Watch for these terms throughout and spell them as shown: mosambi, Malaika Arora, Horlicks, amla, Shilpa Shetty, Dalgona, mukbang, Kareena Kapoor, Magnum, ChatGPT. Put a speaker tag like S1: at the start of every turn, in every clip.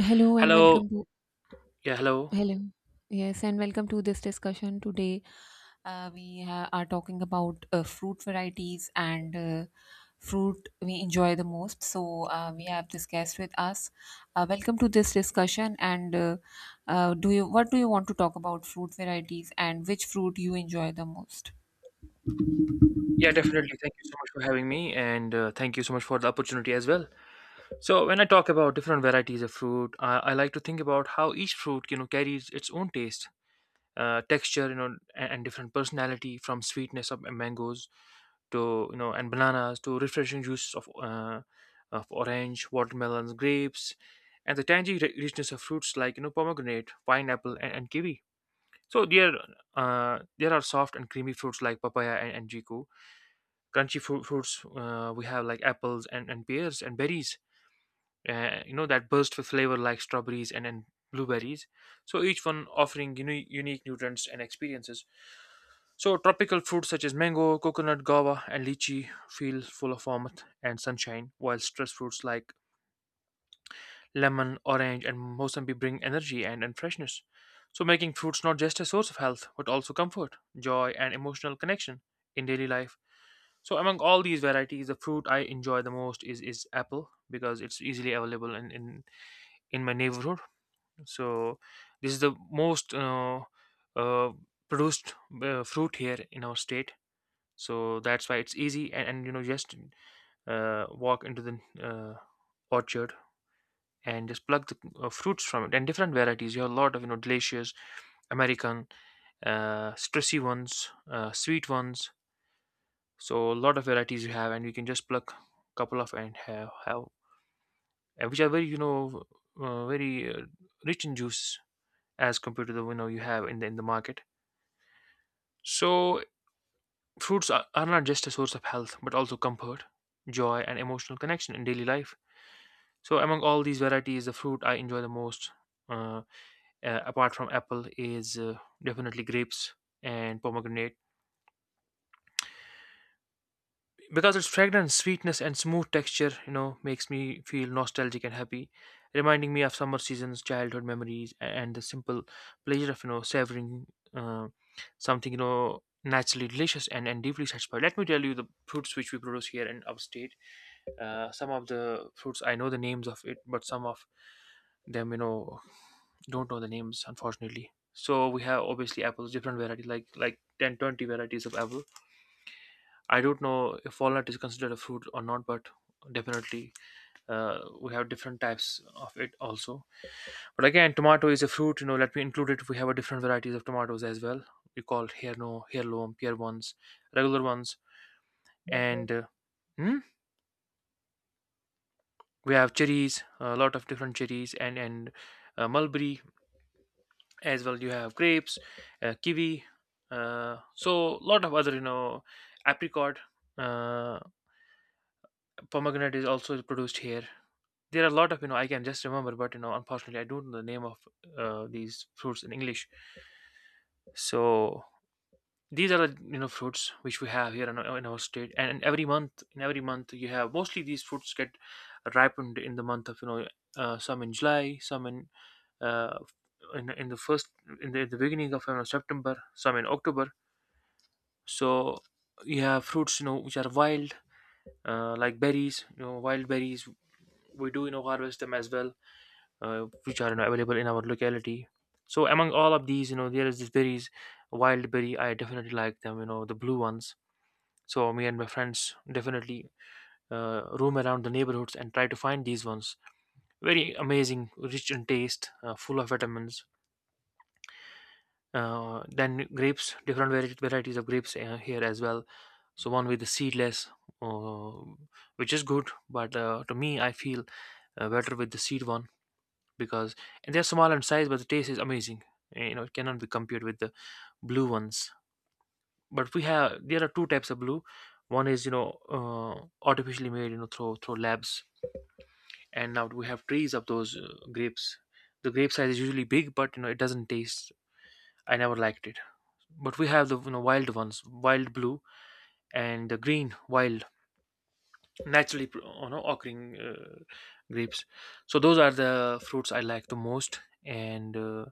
S1: Hello and
S2: Hello.
S1: welcome to
S2: Yeah, hello.
S1: hello. Yes, and welcome to this discussion today. We are talking about fruit varieties and fruit we enjoy the most. So we have this guest with us. Welcome to this discussion. And Do you what do you want to talk about fruit varieties and which fruit you enjoy the most?
S2: Yeah, definitely. Thank you so much for having me, and thank you so much for the opportunity as well. So, when I talk about different varieties of fruit, I like to think about how each fruit, carries its own taste, texture, and different personality, from sweetness of mangoes to and bananas, to refreshing juice of orange, watermelons, grapes, and the tangy richness of fruits like pomegranate, pineapple, and kiwi. So there are soft and creamy fruits like papaya and jiku. Crunchy fruits we have, like apples and pears and berries. That burst with flavor, like strawberries and blueberries. So each one offering unique nutrients and experiences. So tropical fruits such as mango, coconut, guava, and lychee feel full of warmth and sunshine, while stress fruits like lemon, orange, and mosambi bring energy and freshness. So, making fruits not just a source of health, but also comfort, joy, and emotional connection in daily life. So, among all these varieties, the fruit I enjoy the most is apple, because it's easily available in my neighborhood. So, this is the most uh, produced fruit here in our state. So that's why it's easy, and just walk into the orchard and just pluck the fruits from it, and different varieties. You have a lot of delicious American stressy ones, sweet ones. So a lot of varieties you have, and you can just pluck a couple of, and have and which are very very rich in juice, as compared to the, you have in the market. So fruits are not just a source of health, but also comfort, joy, and emotional connection in daily life. So among all these varieties, the fruit I enjoy the most, uh, apart from apple, is definitely grapes and pomegranate, because its fragrance, sweetness, and smooth texture, makes me feel nostalgic and happy, reminding me of summer seasons, childhood memories, and the simple pleasure of savoring uh, something naturally delicious and deeply satisfied. Let me tell you, the fruits which we produce here in our state. Some of the fruits I know the names of, it but some of them, don't know the names, unfortunately. So we have, obviously, apples, different variety, like 10, 20 varieties of apple. I don't know if walnut is considered a fruit or not, but definitely, we have different types of it also. But again, tomato is a fruit, let me include it. We have a different varieties of tomatoes as well. We call here, no, heirloom pear ones, regular ones, and hmm? we have cherries, a lot of different cherries, and mulberry as well. You have grapes, kiwi, so lot of other, apricot. uh, Pomegranate is also produced here. There are a lot of, I can just remember, but unfortunately I don't know the name of these fruits in English. So these are the, fruits which we have here in our state. And every month, you have, mostly these fruits get ripened in the month of, some in July, some in uh, in the first, in the beginning of, September, some in October. So you have fruits, which are wild, like berries, wild berries. We do, harvest them as well, which are, available in our locality. So among all of these, there is this berries, wild berry, I definitely like them, the blue ones. So me and my friends definitely roam around the neighborhoods and try to find these ones. Very amazing, rich in taste, full of vitamins. Then grapes, different varieties of grapes here as well. So one with the seedless, uh, which is good, but to me I feel better with the seed one, because, and they're small in size, but the taste is amazing. Eh, it cannot be compared with the blue ones. But we have, there are two types of blue. One is, uh, artificially made, through labs. And now we have trees of those grapes. The grape size is usually big, but it doesn't taste, I never liked it. But we have the, wild ones, wild blue and the green wild, naturally occurring grapes. So those are the fruits I like the most. And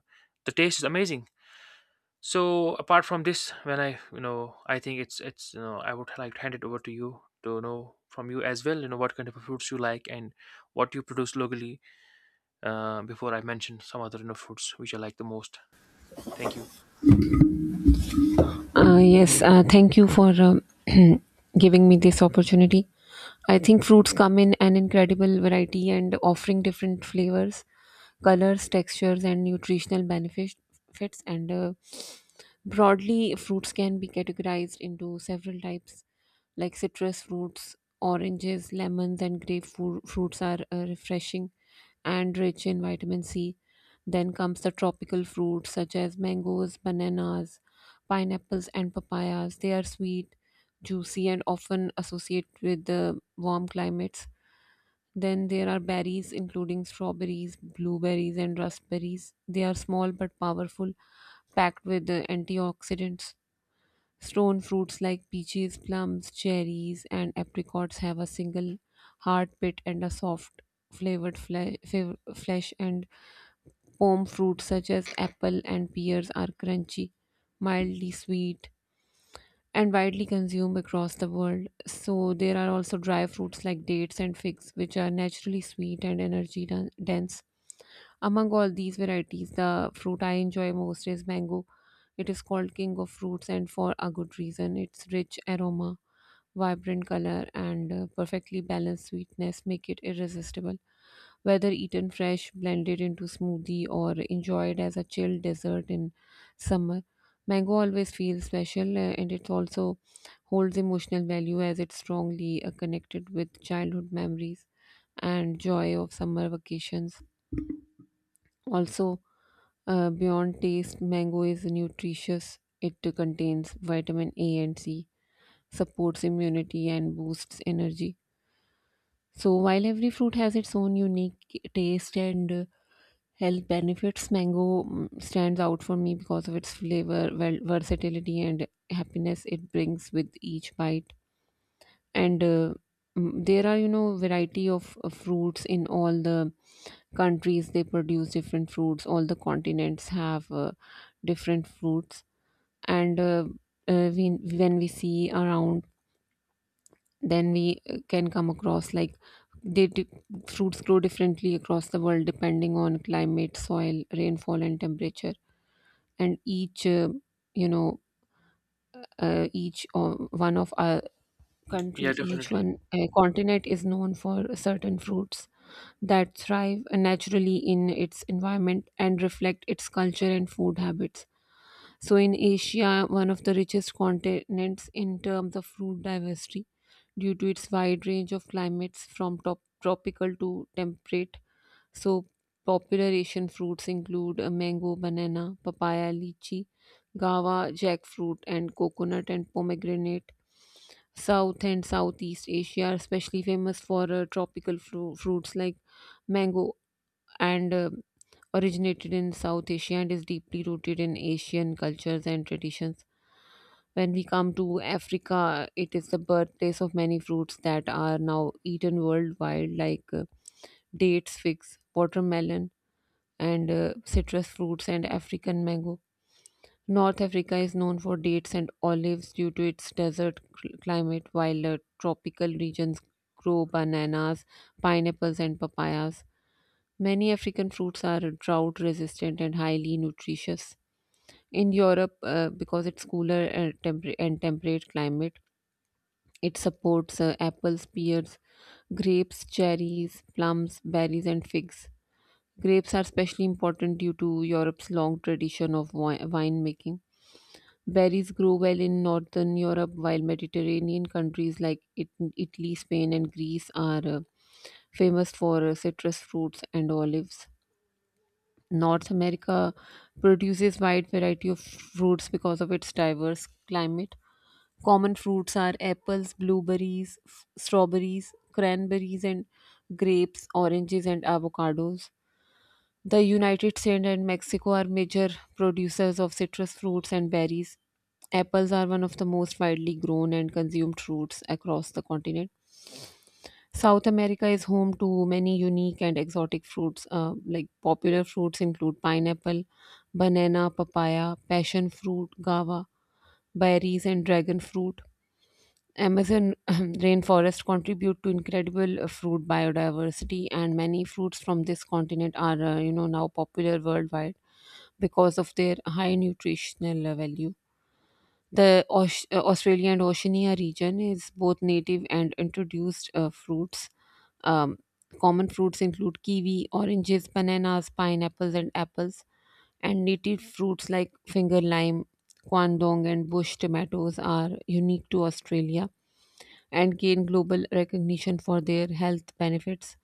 S2: the taste is amazing. So apart from this, when I, I think it's I would like to hand it over to you, to know from you as well, what kind of fruits you like and what you produce locally. Before I mention some other, fruits which I like the most. Thank you.
S1: Yes, thank you for giving me this opportunity. I think fruits come in an incredible variety and offering different flavors, colors, textures, and nutritional benefits. Fits. And Broadly, fruits can be categorized into several types, like citrus fruits, oranges, lemons, and grapefruit fruits are refreshing and rich in vitamin C. Then comes the tropical fruits such as mangoes, bananas, pineapples, and papayas. They are sweet, juicy, and often associated with the warm climates. Then there are berries, including strawberries, blueberries, and raspberries. They are small but powerful, packed with antioxidants. Stone fruits like peaches, plums, cherries, and apricots have a single hard pit and a soft flesh, and palm fruits such as apple and pears are crunchy, mildly sweet, and widely consumed across the world. So there are also dry fruits like dates and figs, which are naturally sweet and energy dense. Among all these varieties, the fruit I enjoy most is mango. It is called king of fruits, and for a good reason. Its rich aroma, vibrant color, and perfectly balanced sweetness make it irresistible. Whether eaten fresh, blended into smoothie, or enjoyed as a chilled dessert in summer, mango always feels special, and it also holds emotional value as it's strongly connected with childhood memories and joy of summer vacations. Also, beyond taste, mango is nutritious. It contains vitamin A and C, supports immunity, and boosts energy. So, while every fruit has its own unique taste and health benefits, mango stands out for me because of its flavor, well, versatility, and happiness it brings with each bite. And uh, there are, you know, variety of fruits in all the countries. They produce different fruits. All the continents have different fruits. And uh, when we see around, then we can come across like they di- fruits grow differently across the world depending on climate, soil, rainfall, and temperature, and each you know each one of our country
S2: Yeah,
S1: each
S2: definitely.
S1: one continent is known for certain fruits that thrive naturally in its environment and reflect its culture and food habits. So in Asia, one of the richest continents in terms of fruit diversity due to its wide range of climates from top tropical to temperate, so popular Asian fruits include mango, banana, papaya, lychee, guava, jackfruit, and coconut and pomegranate. South and Southeast Asia are especially famous for tropical fruits like mango, and originated in South Asia and is deeply rooted in Asian cultures and traditions. When we come to Africa, it is the birthplace of many fruits that are now eaten worldwide, like dates, figs, watermelon, and citrus fruits and African mango. North Africa is known for dates and olives due to its desert climate, while tropical regions grow bananas, pineapples, and papayas. Many African fruits are drought resistant and highly nutritious. In Europe, because it's cooler and temperate climate, it supports apples, pears, grapes, cherries, plums, berries, and figs. Grapes are especially important due to Europe's long tradition of winemaking. Berries grow well in northern Europe, while Mediterranean countries like Italy, Spain, and Greece are famous for citrus fruits and olives. North America produces wide variety of fruits because of its diverse climate. Common fruits are apples, blueberries, strawberries, cranberries and grapes, oranges and avocados. The United States and Mexico are major producers of citrus fruits and berries. Apples are one of the most widely grown and consumed fruits across the continent. South America is home to many unique and exotic fruits. Like, popular fruits include pineapple, banana, papaya, passion fruit, guava, berries, and dragon fruit. Amazon rainforest contribute to incredible fruit biodiversity, and many fruits from this continent are, you know, now popular worldwide because of their high nutritional value. The Australia and Oceania region is both native and introduced fruits. Um, Common fruits include kiwi, oranges, bananas, pineapples, and apples. And native fruits like finger lime, guandong, and bush tomatoes are unique to Australia and gain global recognition for their health benefits.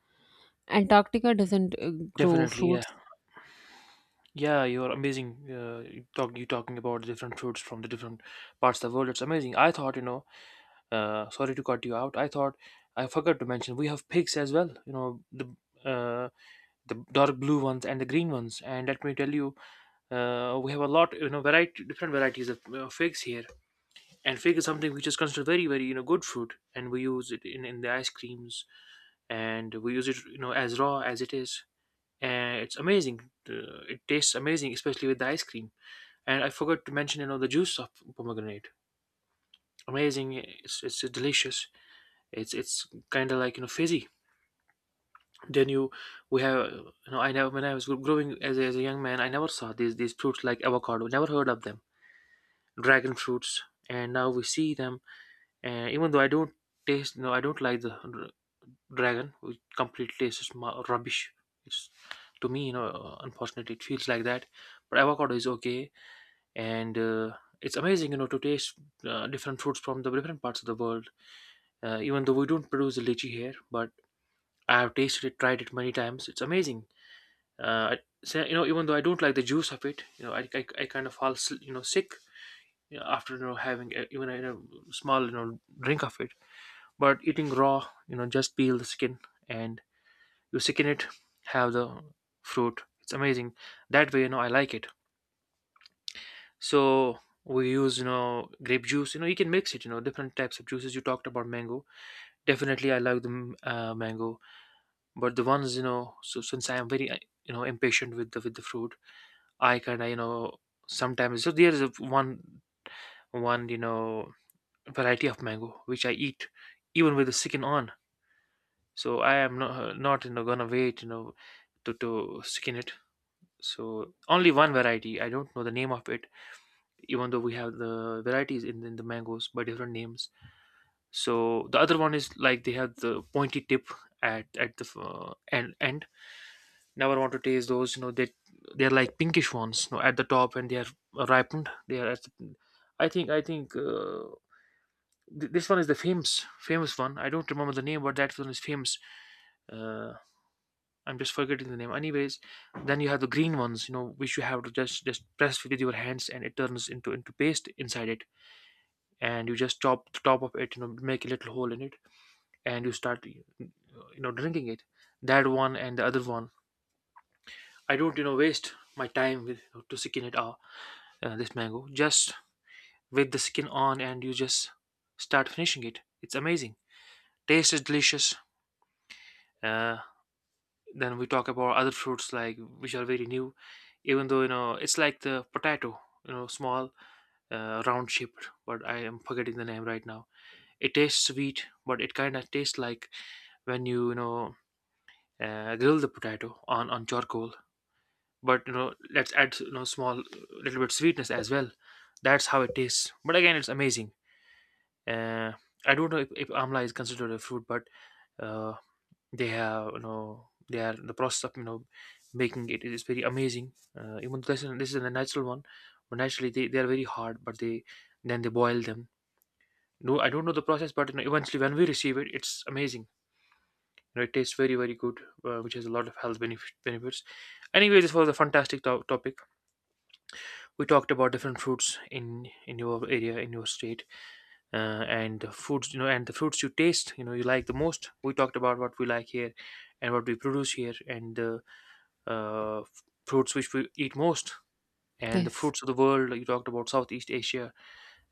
S1: Antarctica doesn't grow
S2: Definitely, yeah.
S1: fruits.
S2: Yeah, you're amazing. You talking about different fruits from the different parts of the world. It's amazing. I thought, sorry to cut you out. I thought, I forgot to mention, we have pigs as well. You know uh, the dark blue ones and the green ones. And let me tell you, we have a lot, variety, different varieties of figs here. And fig is something which is considered very, very, good fruit. And we use it in the ice creams, and we use it, as raw as it is. And it's amazing. It tastes amazing, especially with the ice cream. And I forgot to mention, the juice of pomegranate. Amazing. It's delicious. It's kind of like, fizzy. Then you, we have, I never, when I was growing as a young man, I never saw these fruits like avocado, never heard of them. Dragon fruits, and now we see them. And even though I don't taste, no, I don't like the dragon, which completely tastes rubbish. It's, to me, unfortunately, it feels like that. But avocado is okay. And it's amazing, to taste different fruits from the different parts of the world. Even though we don't produce the lychee here, but I have tasted it, tried it many times. It's amazing. Uh, I, so, even though I don't like the juice of it, I kind of fall, sick, after, having a, even a, small, drink of it. But eating raw, just peel the skin, and you sicken it, have the fruit. It's amazing. That way, I like it. So we use, grape juice. You can mix it. Different types of juices. You talked about mango. Definitely, I like the mango. But the ones, so since I am very, impatient with the fruit. I kind of, sometimes, so there is a one, variety of mango which I eat, even with the skin on. So I am not gonna wait, to skin it. So only one variety, I don't know the name of it, even though we have the varieties in the mangoes by different names. So the other one is like, they have the pointy tip at the end. Never want to taste those. They, they're like pinkish ones. At the top, and they are ripened. They are. At the, I think, this one is the famous one. I don't remember the name, but that one is famous. Uh, I'm just forgetting the name. Anyways, then you have the green ones. Which you have to just press with your hands, and it turns into paste inside it. And you just chop the top of it. Make a little hole in it, and you start, drinking it. That one and the other one. I don't, waste my time with, to seeking it out. This mango, just with the skin on, and you just start finishing it. It's amazing. Taste is delicious. uh, then we talk about other fruits, like which are very new. Even though, it's like the potato, small, round shaped, but I am forgetting the name right now. It tastes sweet, but it kind of tastes like when you know grill the potato on charcoal. But let's add, small, little bit sweetness as well. That's how it tastes, but again, it's amazing. Uh, I don't know if amla is considered a fruit, but uh, they have, they are, the process of, making it is very amazing. Even though this is a natural one, but naturally they are very hard. But they, then they boil them. No, I don't know the process, but eventually when we receive it, it's amazing. It tastes very, very good, which has a lot of health benefits. Anyway, this was a fantastic topic. We talked about different fruits in your area, in your state, and the foods, and the fruits you taste, you like the most. We talked about what we like here, and what we produce here, and the fruits which we eat most, and the
S1: Yes.
S2: fruits of the world. You talked about Southeast Asia,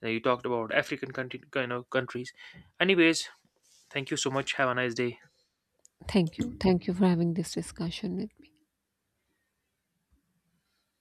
S2: and you talked about African countries. Anyways, thank you so much. Have a nice day.
S1: Thank you. Thank you for having this discussion with me.